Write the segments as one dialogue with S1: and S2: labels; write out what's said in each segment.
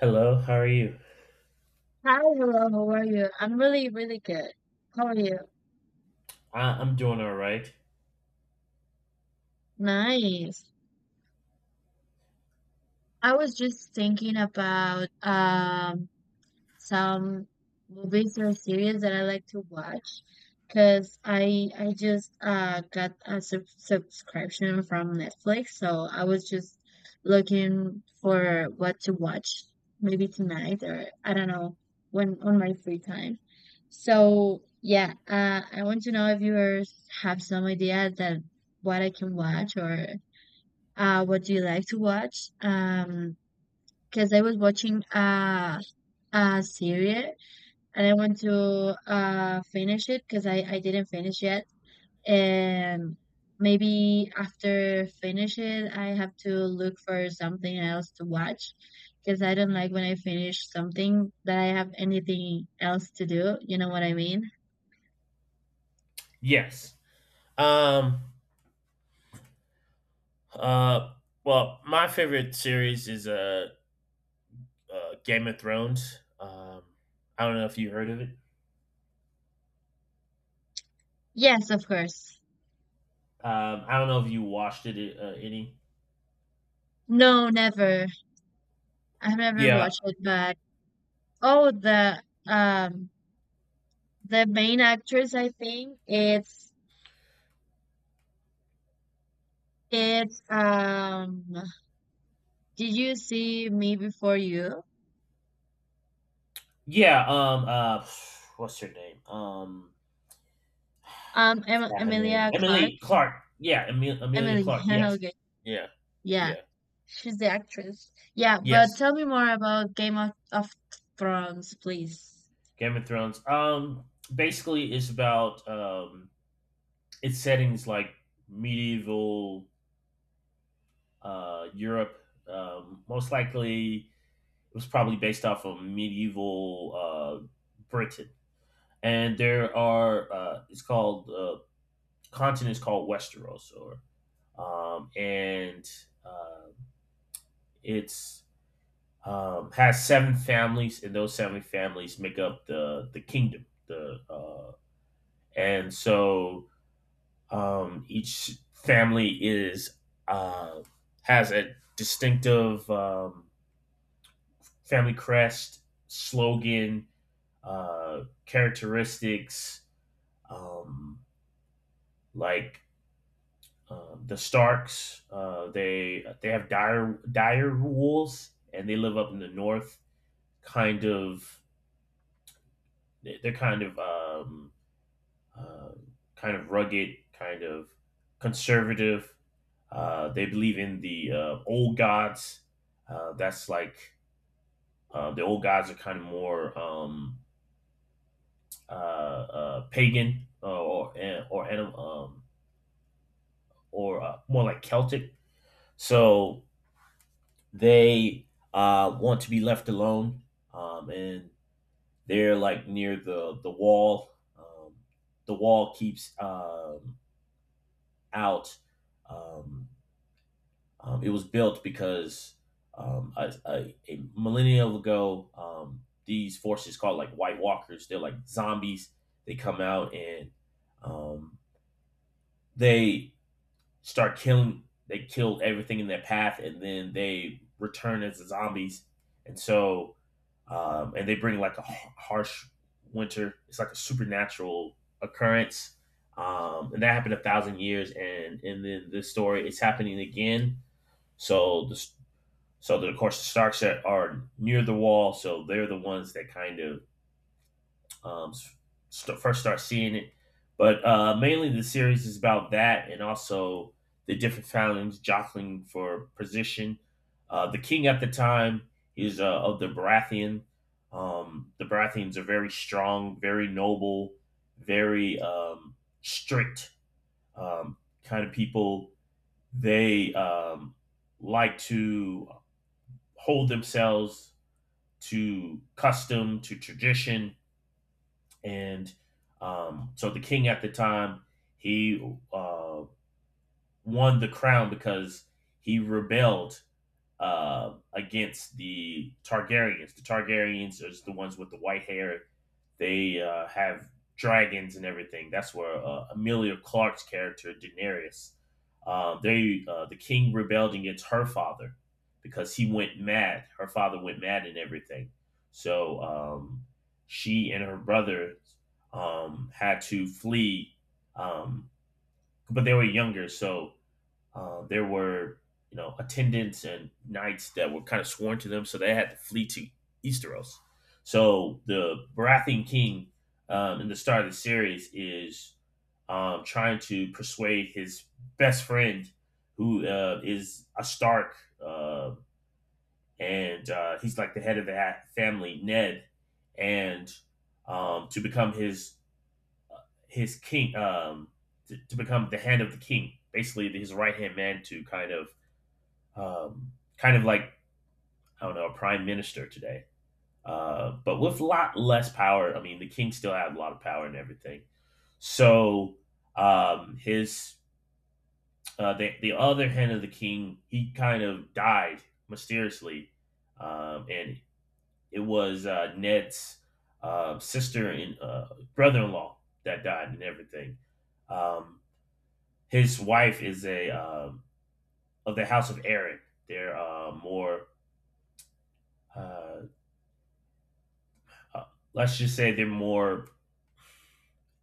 S1: Hello, how are you?
S2: Hi, hello, how are you? I'm really, really good. How are you?
S1: I'm doing all right.
S2: Nice. I was just thinking about some movies or series that I like to watch because I just got a subscription from Netflix, so I was just looking for what to watch maybe tonight or I don't know when on my free time. So yeah, I want to know if have some idea that what I can watch or what do you like to watch? Because I was watching a series and I want to finish it because I didn't finish yet, and maybe after finish it, I have to look for something else to watch because I don't like when I finish something that I have anything else to do. You know what I mean?
S1: Yes. Um. Uh. Well, my favorite series is Game of Thrones. I don't know if you heard of it.
S2: Yes, of course.
S1: I don't know if you watched it. Any?
S2: No, never. I've never
S1: Yeah.
S2: watched it, but oh, um the main actress, I think it's. Did you see Me Before You?
S1: Yeah. What's her name? Um. forgot her name.
S2: Emilia
S1: Emily
S2: Clarke.
S1: Clark. Yeah. Amelia
S2: Emily.
S1: Clark. Yes.
S2: Okay.
S1: Yeah.
S2: Yeah,
S1: Yeah.
S2: she's the actress. Yeah, but
S1: Yes.
S2: tell me more about Game of Thrones, please.
S1: Game of Thrones. Basically, it's about its settings, like medieval, Europe. Most likely, it was probably based off of medieval, Britain. And there are, it's called, continent is called Westeros. Or, and, uh, it's, has seven families, and those seven families make up the kingdom. The and so each family is, uh, has a distinctive, family crest, slogan, characteristics. Um, like, the Starks, they have dire wolves, and they live up in the north. Kind of, they're kind of, um, kind of rugged, kind of conservative. They believe in the, old gods. That's like, the old gods are kind of more, pagan, or or, more like Celtic. So they, want to be left alone, and they're like near the wall. Um, the wall keeps, out, um, it was built because, a millennium ago, these forces called like White Walkers, they're like zombies. They come out and, um, they start killing. They killed everything in their path, and then they return as zombies. And so, and they bring like a harsh winter. It's like a supernatural occurrence, and that happened a thousand years. And then this story, it's happening again. So the, of course the Starks that are near the wall, so they're the ones that kind of, um, first start seeing it. But, mainly the series is about that, and also the different families jockeying for position. The king at the time is, of the Baratheon. The Baratheons are very strong, very noble, very, strict, um, kind of people. They, like to hold themselves to custom, to tradition, and, so the king at the time, he, uh, won the crown because he rebelled, against the Targaryens. The Targaryens are the ones with the white hair. They, have dragons and everything. That's where, Amelia Clark's character Daenerys. The king rebelled against her father because he went mad. Her father went mad and everything. So, she and her brother, had to flee, um, but they were younger. So, there were, you know, attendants and knights that were kind of sworn to them, so they had to flee to Easteros. So the Baratheon king, in the start of the series, is, trying to persuade his best friend, who, is a Stark, uh, and he's like the head of the family, Ned, and, to become his king, to become the hand of the king, basically his right hand man. To kind of, kind of like, I don't know, a prime minister today, but with a lot less power. I mean, the king still had a lot of power and everything. So, his, the other hand of the king, he kind of died mysteriously, and it was, Ned's, sister and, brother-in-law, that died and everything. Um, his wife is a, of the House of Aaron. They're, more uh, uh, let's just say they're more,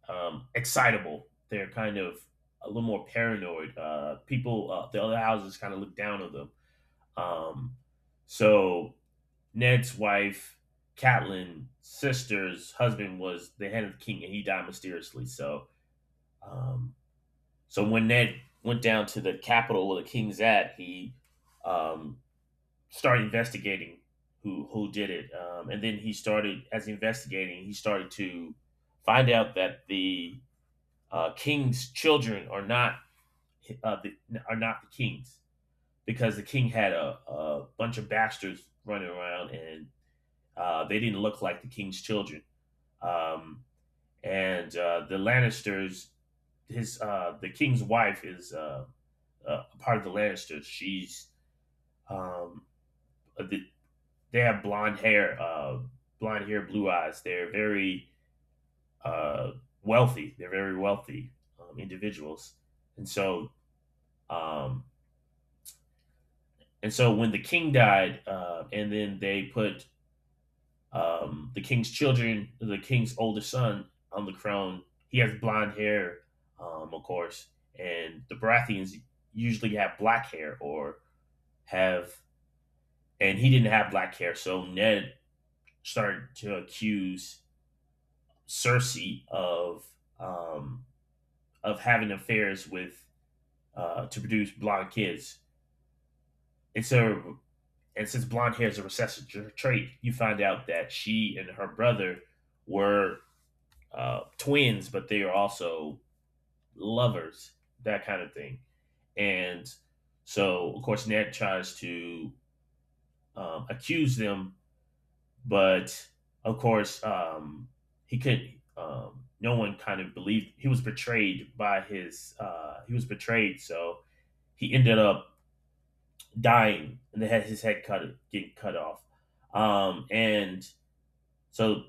S1: excitable. They're kind of a little more paranoid. People, the other houses kind of look down on them. Um, so Ned's wife, Catelyn's sister's husband, was the head of the king, and he died mysteriously. So, um, so when Ned went down to the capital where the king's at, he, um, started investigating who did it, and then he started as investigating. He started to find out that the, king's children are not, are not the king's, because the king had a bunch of bastards running around, and, they didn't look like the king's children. Um, and the Lannisters, his, the king's wife, is, part of the Lannisters. She's, um, the, they have blonde hair, blue eyes. They're very, uh, wealthy. They're very wealthy, individuals. And so, um, when the king died, and then they put, the king's children, the king's oldest son, on the crown. He has blonde hair, of course, and the Baratheons usually have black hair, or have, and he didn't have black hair. So Ned started to accuse Cersei of, um, of having affairs with, to produce blonde kids. It's a and since blonde hair is a recessive trait, you find out that she and her brother were, twins, but they are also lovers, that kind of thing. And so, of course, Ned tries to, accuse them, but of course, he couldn't. No one kind of believed. He was betrayed by his, he was betrayed, so he ended up dying, and they had his head cut getting cut off, and so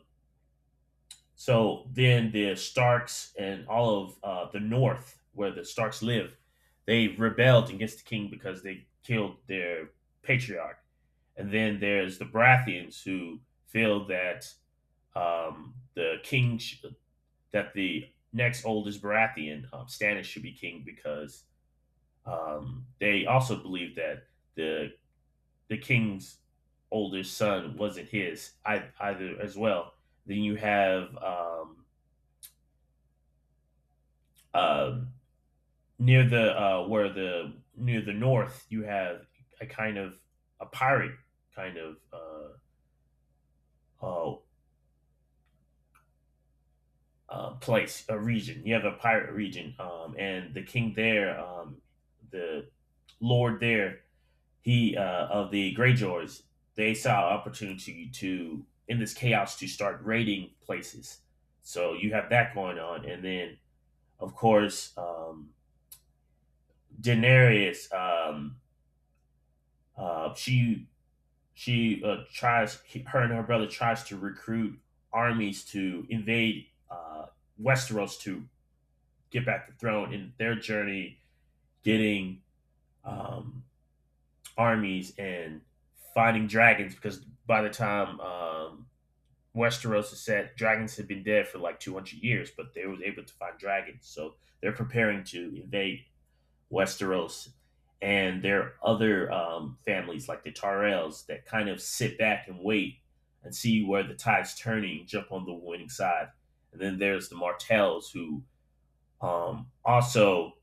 S1: so then the Starks, and all of, the north where the Starks live, they rebelled against the king because they killed their patriarch. And then there's the Baratheons who feel that, the king, that the next oldest Baratheon, Stannis, should be king because, they also believed that the the king's oldest son wasn't his either, as well. Then you have, um near the, where the near the north, you have a kind of a pirate kind of, uh, place, a region. You have a pirate region, and the king there, the lord there, he, of the Greyjoys, they saw an opportunity, to in this chaos to start raiding places. So you have that going on, and then of course, Daenerys, uh, she she tries, her and her brother tries to recruit armies to invade, Westeros, to get back the throne in their journey, getting, um, armies, and finding dragons because by the time, Westeros has said dragons have been dead for like 200 years, but they were able to find dragons. So they're preparing to invade Westeros. And there are other, families like the Tyrells, that kind of sit back and wait and see where the tide's turning, jump on the winning side. And then there's the Martells who, also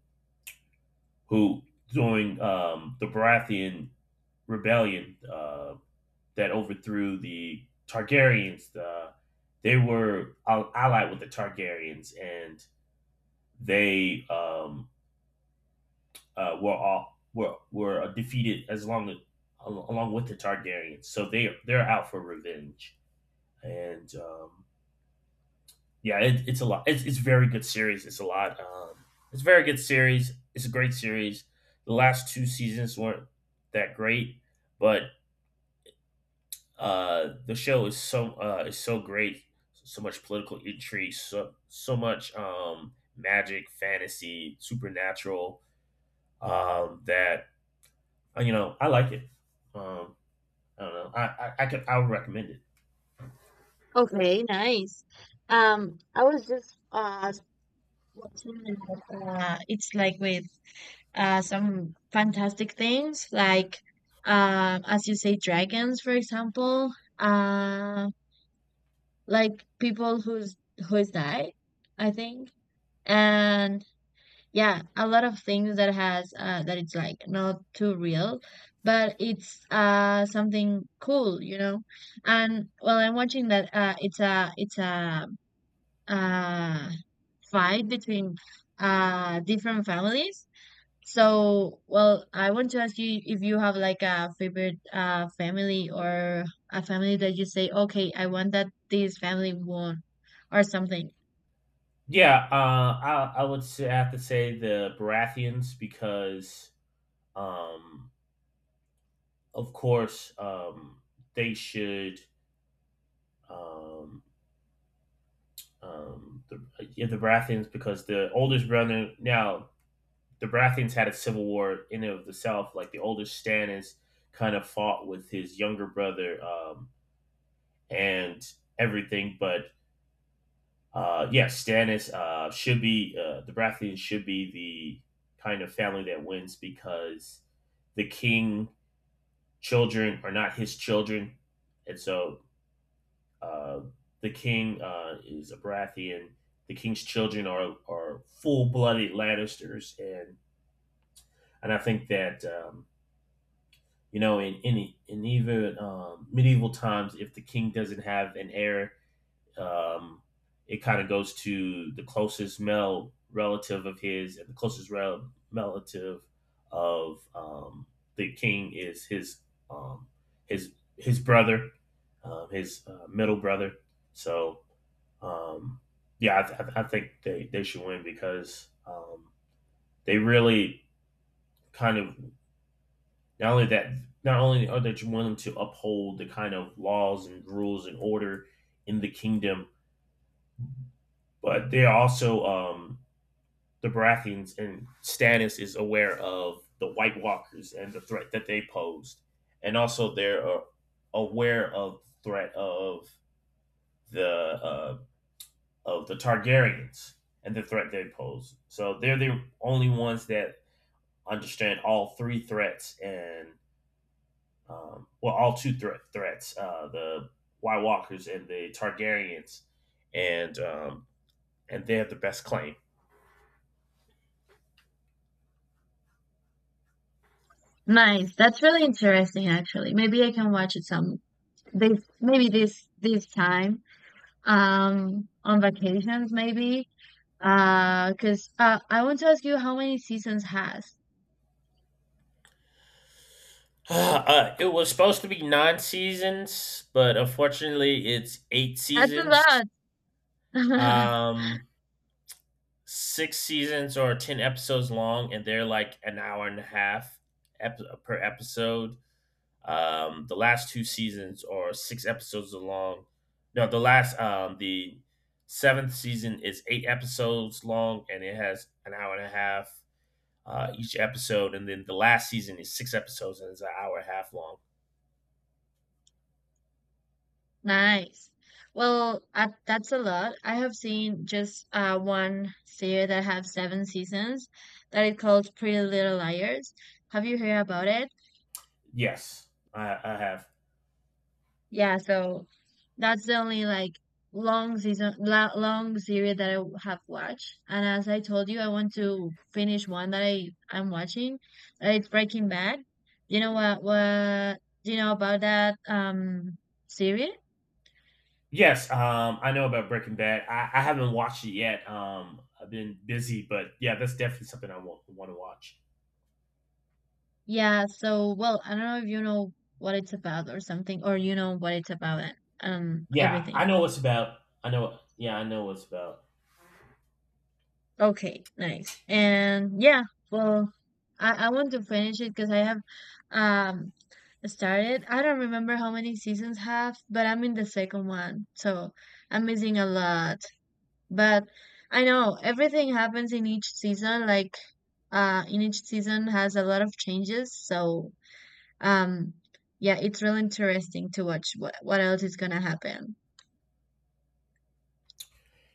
S1: who, during, the Baratheon rebellion, that overthrew the Targaryens. The, they were allied with the Targaryens, and they, were all were defeated, as long as, along with the Targaryens. So they they're out for revenge. And, yeah, it's a lot. It's very good series. It's a lot. It's a very good series. It's a great series. The last two seasons weren't that great, but, the show is so, is so great. So much political intrigue, so much, magic, fantasy, supernatural, that, you know, I like it. Um, I don't know. I could, I would recommend it.
S2: Okay, nice. I was just watching that. It's like with some fantastic things, like, as you say, dragons, for example. Uh, like people who's died, I think, and yeah, a lot of things that has, that it's like not too real, but it's something cool. And, well, I'm watching that. It's a uh fight between different families. So, well, I want to ask you if you have like a favorite family, or a family that you say, okay, I want that this family won, or something.
S1: Yeah, I would say, I have to say the Baratheons, because, um, of course, they should, um, um, the, yeah, the Baratheons, because the oldest brother now, the Baratheons had a civil war in and of itself. Like the older Stannis kind of fought with his younger brother, and everything. But, yeah, Stannis, should be, the Baratheons should be the kind of family that wins, because the king children are not his children. And so, uh, the king, is a Baratheon. The king's children are full blooded Lannisters. And I think that, you know, in even, medieval times, if the king doesn't have an heir, um, it kind of goes to the closest male relative of his. And the closest relative of, the king is his, um, his brother, his, middle brother. So, um, yeah, I think they should win, because, they really kind of, not only that, not only are they wanting to uphold the kind of laws and rules and order in the kingdom, but they also, the Baratheons and Stannis is aware of the White Walkers and the threat that they posed. And also they're, aware of the threat of the, of the Targaryens and the threat they pose. So they're the only ones that understand all three threats. And, well, all two threats, the White Walkers and the Targaryens, and, and they have the best claim.
S2: Nice, that's really interesting. Actually, maybe I can watch it some. This, maybe this time, on vacations, maybe, because I want to ask you how many seasons has.
S1: It was supposed to be nine seasons, but unfortunately, it's eight
S2: That's a
S1: seasons,
S2: lot.
S1: um, six seasons or ten episodes long, and they're like an hour and a half per episode. The last two seasons are six episodes long. No, the last the seventh season is eight episodes long, and it has an hour and a half each episode. And then the last season is six episodes, and it's an hour and a half long.
S2: Nice. Well, that's a lot. I have seen just one series that have seven seasons, that it called Pretty Little Liars. Have you heard about it?
S1: Yes, I have.
S2: Yeah, so that's the only like long season, la long series that I have watched. And as I told you, I want to finish one that I'm watching. It's Breaking Bad. What do you know about that series?
S1: Yes, I know about Breaking Bad. I haven't watched it yet. I've been busy, but yeah, that's definitely something I want to watch.
S2: Yeah, so well, I don't know if you know what it's about or something, or you know what it's about and
S1: Yeah, I
S2: everything.
S1: know what's about. I know. Yeah, I know what's about.
S2: Okay, nice. And yeah, well, I want to finish it because I have um started. I don't remember how many seasons have, but I'm in the second one, so I'm missing a lot. But I know everything happens in each season, like, in each season has a lot of changes, so, um, yeah, it's really interesting to watch what else is gonna happen.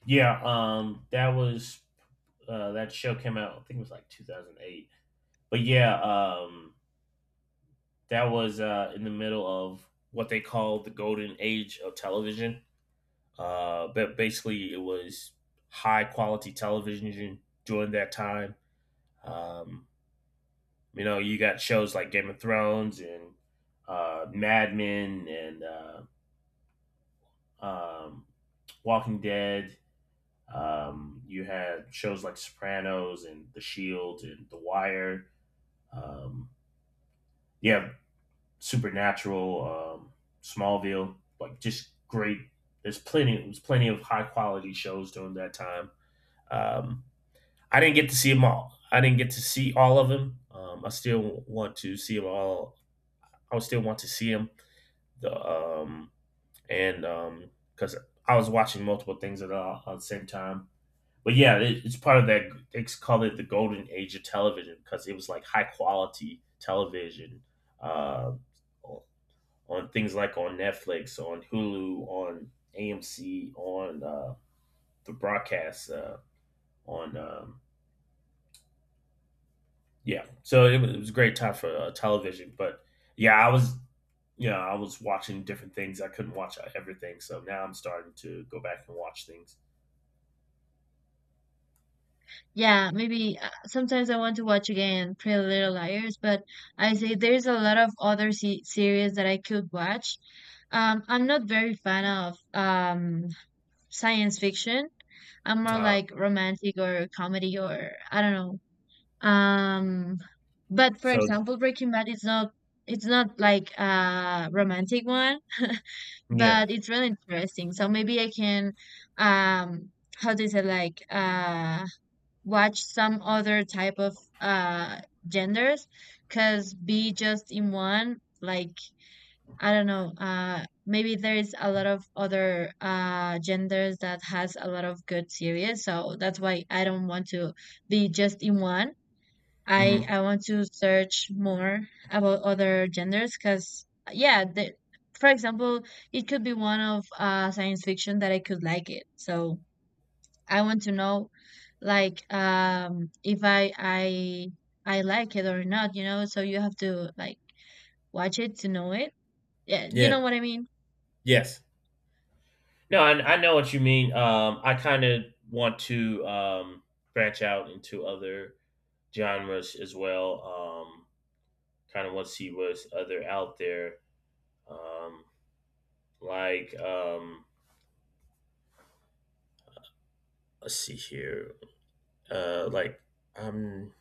S1: Yeah, that was that show came out. I think it was like 2008. But yeah, that was in the middle of what they call the golden age of television. But basically, it was high quality television during that time. Um, you know, you got shows like Game of Thrones and Mad Men and um, Walking Dead. You had shows like Sopranos and The Shield and The Wire. Um, yeah, Supernatural, Smallville, like just great. There's plenty. There's plenty of high quality shows during that time. Um, I didn't get to see them all. I didn't get to see all of them. I still want to see them all. I would still want to see them. The, and because I was watching multiple things at the same time. But yeah, it's part of that. They call it the golden age of television because it was like high quality television uh, on things like on Netflix, on Hulu, on AMC, on the broadcast, on yeah. So it it was a great time for television. But yeah, I was you know I was watching different things. I couldn't watch everything, so now I'm starting to go back and watch things.
S2: Yeah, maybe sometimes I want to watch again Pretty Little Liars, but I say there's a lot of other se series that I could watch. I'm not very fan of science fiction. I'm more
S1: Uh,
S2: like romantic or comedy or I don't know. Um, but for
S1: so
S2: example, Breaking Bad is not it's not like a romantic one,
S1: yeah,
S2: but it's really interesting. So maybe I can, um how do you say, like, watch some other type of genders, because be just in one, like, I don't know. Maybe there is a lot of other, genders that has a lot of good series, so that's why I don't want to be just in one.
S1: hmm
S2: I want to search more about other genders because, yeah, for example, it could be one of, science fiction that I could like it. So I want to know, like, if I like it or not, you know. So you have to like watch it to know it. Yeah, you
S1: yeah,
S2: know what I mean.
S1: yes. No, I know what you mean. I kind of want to branch out into other genres as well. Um, Kind of want to see what's other out there. Um, like um, let's see here. Uh, like I'm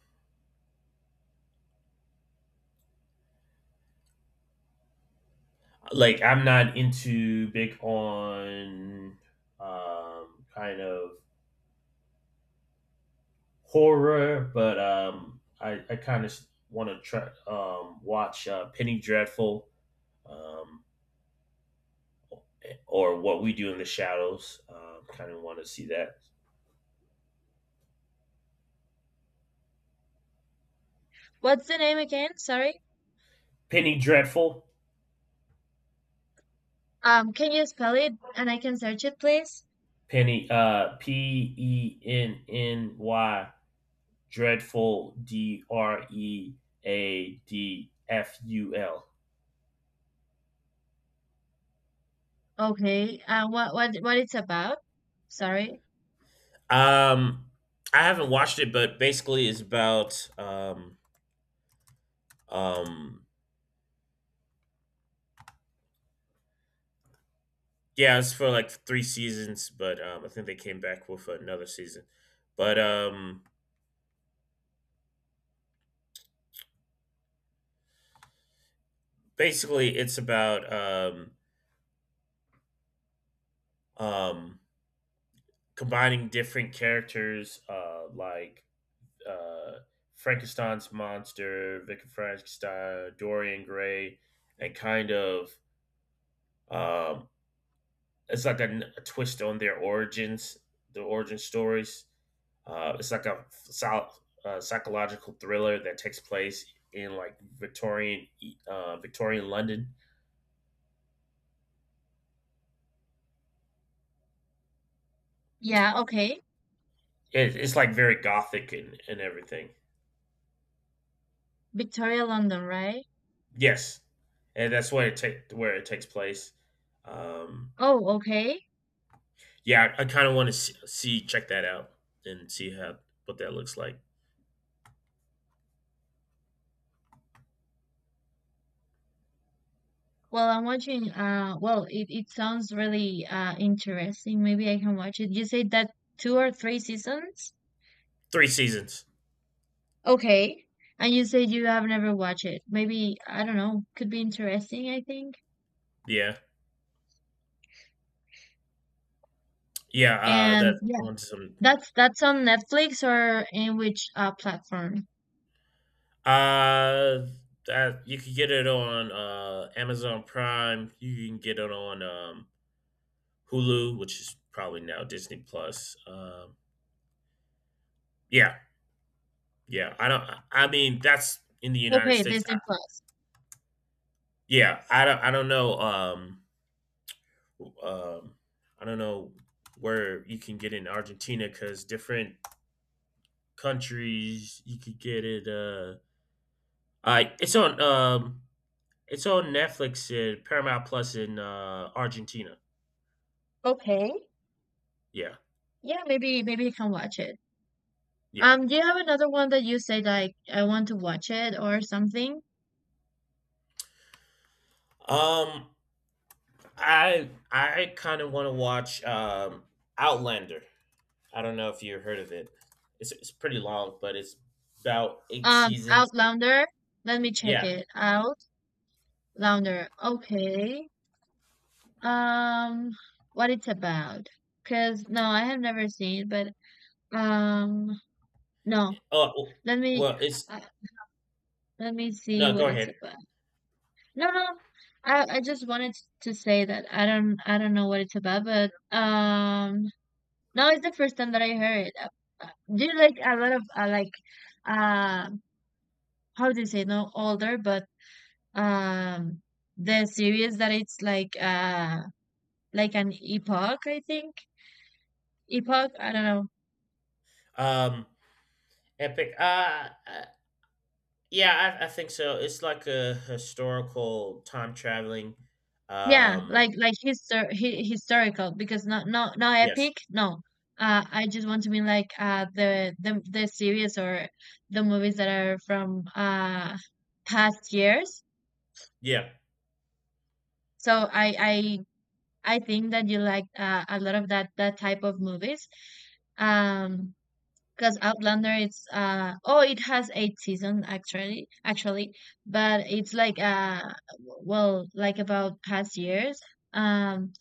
S1: I'm not into big on um kind of horror, but I kind of want to try watch Penny Dreadful. Um, or what we do in the shadows. Kind of want to see that.
S2: What's the name again? Sorry.
S1: Penny Dreadful.
S2: Can you spell it and I can search it, please?
S1: Penny. Penny dreadful D R E A D F U L.
S2: Okay. What it's about? Sorry.
S1: Um, I haven't watched it, but basically it's about um yeah, it's for like three seasons, but I think they came back with another season. But Basically it's about um combining different characters, uh, Frankenstein's monster, Victor Frankenstein, Dorian Gray, and Um, it's like a twist on their origins, the origin stories. It's like a psychological thriller that takes place in like Victorian London.
S2: Yeah. Okay.
S1: It's like very gothic and everything.
S2: Victoria London, right?
S1: Yes, and that's where it take where it takes place. Um,
S2: Oh, okay.
S1: yeah, I kind of want to see check that out and see how what that looks like.
S2: Well, I'm watching. Well, it sounds really interesting. Maybe I can watch it. You said that two or three seasons?
S1: Three seasons.
S2: Okay. And you said you have never watched it. Maybe I don't know. Could be interesting, I think.
S1: Yeah, yeah. That
S2: And
S1: I
S2: yeah,
S1: want some
S2: that's on Netflix or in which platform?
S1: Uh, that you can get it on Amazon Prime. You can get it on Hulu, which is probably now Disney Plus. Yeah, yeah. I don't. I mean, that's in the United
S2: Okay,
S1: States.
S2: Disney Plus.
S1: Yeah, I don't. I don't know. Um, I don't know where you can get it in Argentina because different countries you could get it. I It's on it's on Netflix and Paramount Plus in Argentina.
S2: Okay.
S1: Yeah,
S2: Yeah, maybe you can watch it.
S1: yeah.
S2: Do you have another one that you say, like, I want to watch it or something?
S1: Um, I kind of want to watch Outlander. I don't know if you heard of it. It's pretty long, but it's about eight seasons.
S2: Outlander. Let me check
S1: Yeah.
S2: it, Outlander. Okay. Um, what it's about? Cause no, I have never seen it, but um, no.
S1: Oh,
S2: Let me
S1: well, it's
S2: uh, let me see
S1: No. Go
S2: what it's
S1: ahead.
S2: about. No, no. I just wanted to say that I don't know what it's about, but. Now it's the first time that I heard it. Uh, Do you like a lot of, like, uh how do you say, no older, but um the series that it's like, like an epoch, I think, epoch, I don't know.
S1: Um, Epic. Yeah, I think so. It's like a historical time traveling.
S2: Yeah, like,
S1: Um,
S2: historical, because not
S1: yes.
S2: epic, no. I just want to mean, like, the series or the movies that are from past years.
S1: Yeah.
S2: So I think that you like, a lot of that type of movies. Um, because Outlander, it's oh, it has eight seasons, actually, but it's like, well, like about past years. Um,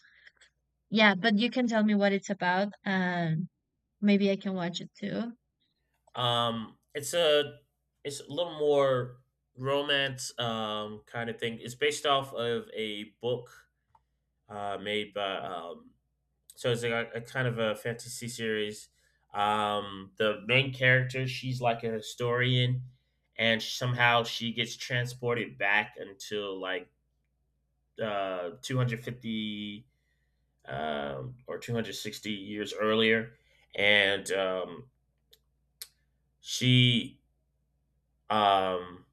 S2: yeah, but you can tell me what it's about. And maybe I can watch it too.
S1: It's a it's a little more romance kind of thing. It's based off of a book made by so it's like a kind of a fantasy series. The main character, she's like a historian, and somehow she gets transported back until like 250 or 260 years earlier, and she um,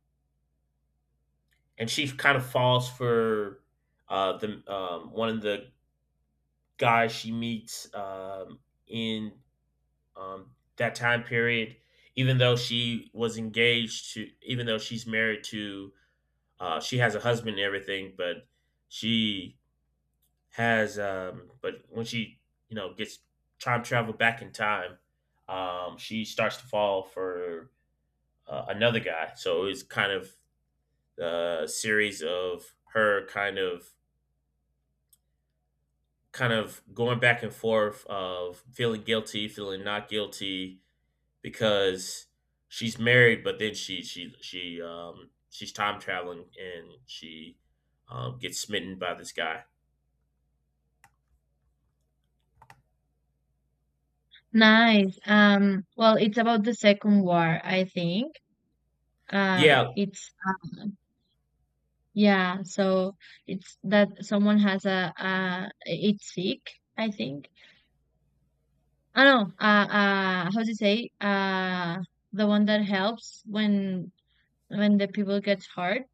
S1: and she kind of falls for the one of the guys she meets in that time period. Even though she was even though she's married to, she has a husband and everything, but she but when she you know gets time travel back in time, she starts to fall for another guy. So it's kind of a series of her kind of going back and forth of feeling guilty, feeling not guilty because she's married, but then she's time traveling and she gets smitten by this guy.
S2: Nice. Well, it's about the Second War, I think.
S1: Yeah.
S2: It's um, Yeah, so it's that someone has a it's sick, I think. I don't know, how to say, the one that helps when the people get hurt.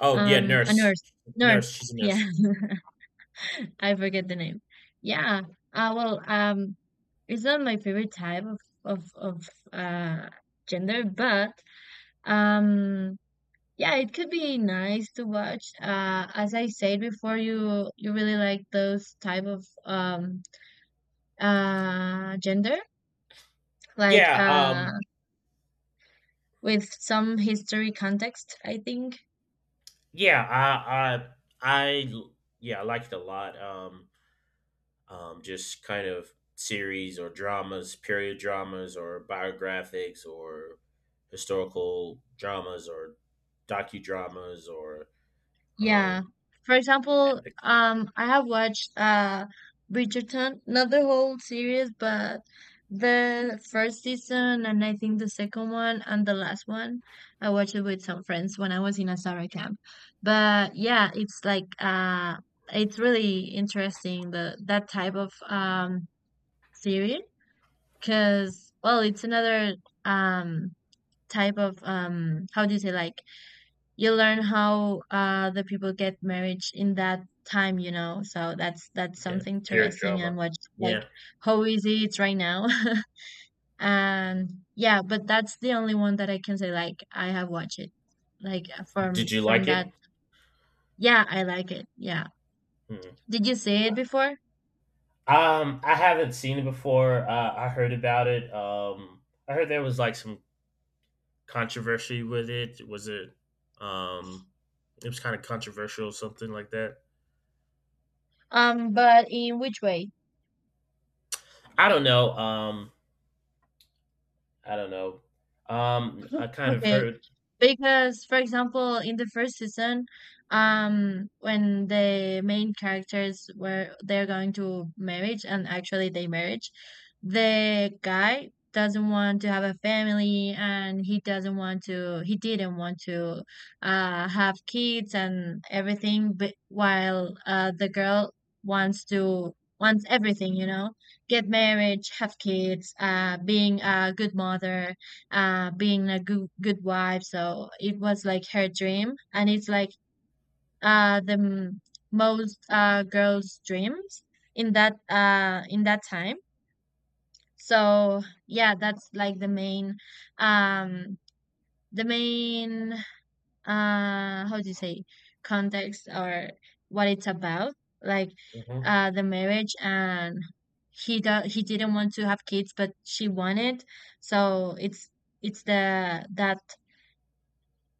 S1: Oh yeah,
S2: A
S1: nurse.
S2: nurse.
S1: Nurse,
S2: Nurse,
S1: she's a
S2: yeah.
S1: nurse.
S2: I forget the name. Yeah. Well, it's not my favorite type of uh gender, but um Yeah, it could be nice to watch. As I said before, you really like those type of gender, like,
S1: Yeah,
S2: with some history context, I think.
S1: yeah, I yeah, I liked it a lot. Just kind of series or dramas, period dramas, or biographics, or historical dramas, or docudramas, or
S2: Yeah.
S1: um,
S2: For example,
S1: epics.
S2: I have watched Bridgerton, not the whole series, but the first season and I think the second one and the last one. I watched it with some friends when I was in a summer camp. But yeah, it's like, it's really interesting the that type of series, because, well, it's another, um type of, how do you say, like, you learn how the people get married in that time. So that's
S1: Yeah,
S2: something
S1: period
S2: interesting, and
S1: drama.
S2: what's like
S1: Yeah,
S2: how easy it's right now. And yeah, but that's the only one that I can say, like, I have watched it, like,
S1: did
S2: from
S1: you
S2: from
S1: like it?
S2: that. Yeah, I like it, yeah.
S1: Hmm.
S2: Did you see it before?
S1: I haven't seen it before. I heard about it. I heard there was like some controversy with it. Was it? Um, it was kind of controversial, something like that.
S2: But in which way?
S1: I don't know. I don't know. I kind of
S2: Okay,
S1: heard.
S2: because for example, in the first season, when the main characters were they're going to marriage, and actually they marriage, the guy doesn't want to have a family, and he didn't want to have kids and everything. But while, the girl wants to wants everything. Get marriage, have kids, being a good mother, being a good wife. So it was like her dream, and it's like, the most, girls dreams in that time. So yeah, that's like the main, um the main how do you say, context, or what it's about, like,
S1: Mhm.
S2: the marriage, and he didn't want to have kids, but she wanted. So it's the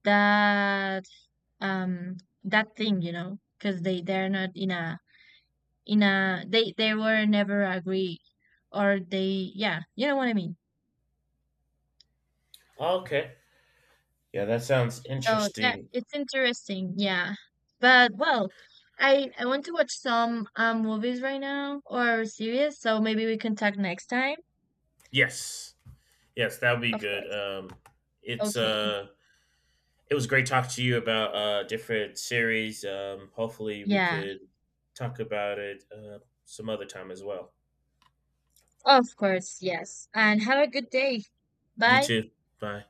S2: that um that thing, because they're not in a, they were never agree, or they yeah, you know what I mean.
S1: Okay. Yeah, that sounds
S2: So yeah,
S1: interesting.
S2: it's interesting, yeah. But well, I want to watch some movies right now or series, so maybe we can talk next time.
S1: Yes. Yes, that would be
S2: Of
S1: good.
S2: course.
S1: It's
S2: Okay.
S1: it was great talking to you about different series. Hopefully we
S2: Yeah.
S1: could talk about it some other time as well.
S2: Of course, yes. And have a good day.
S1: You
S2: Bye.
S1: too. Bye.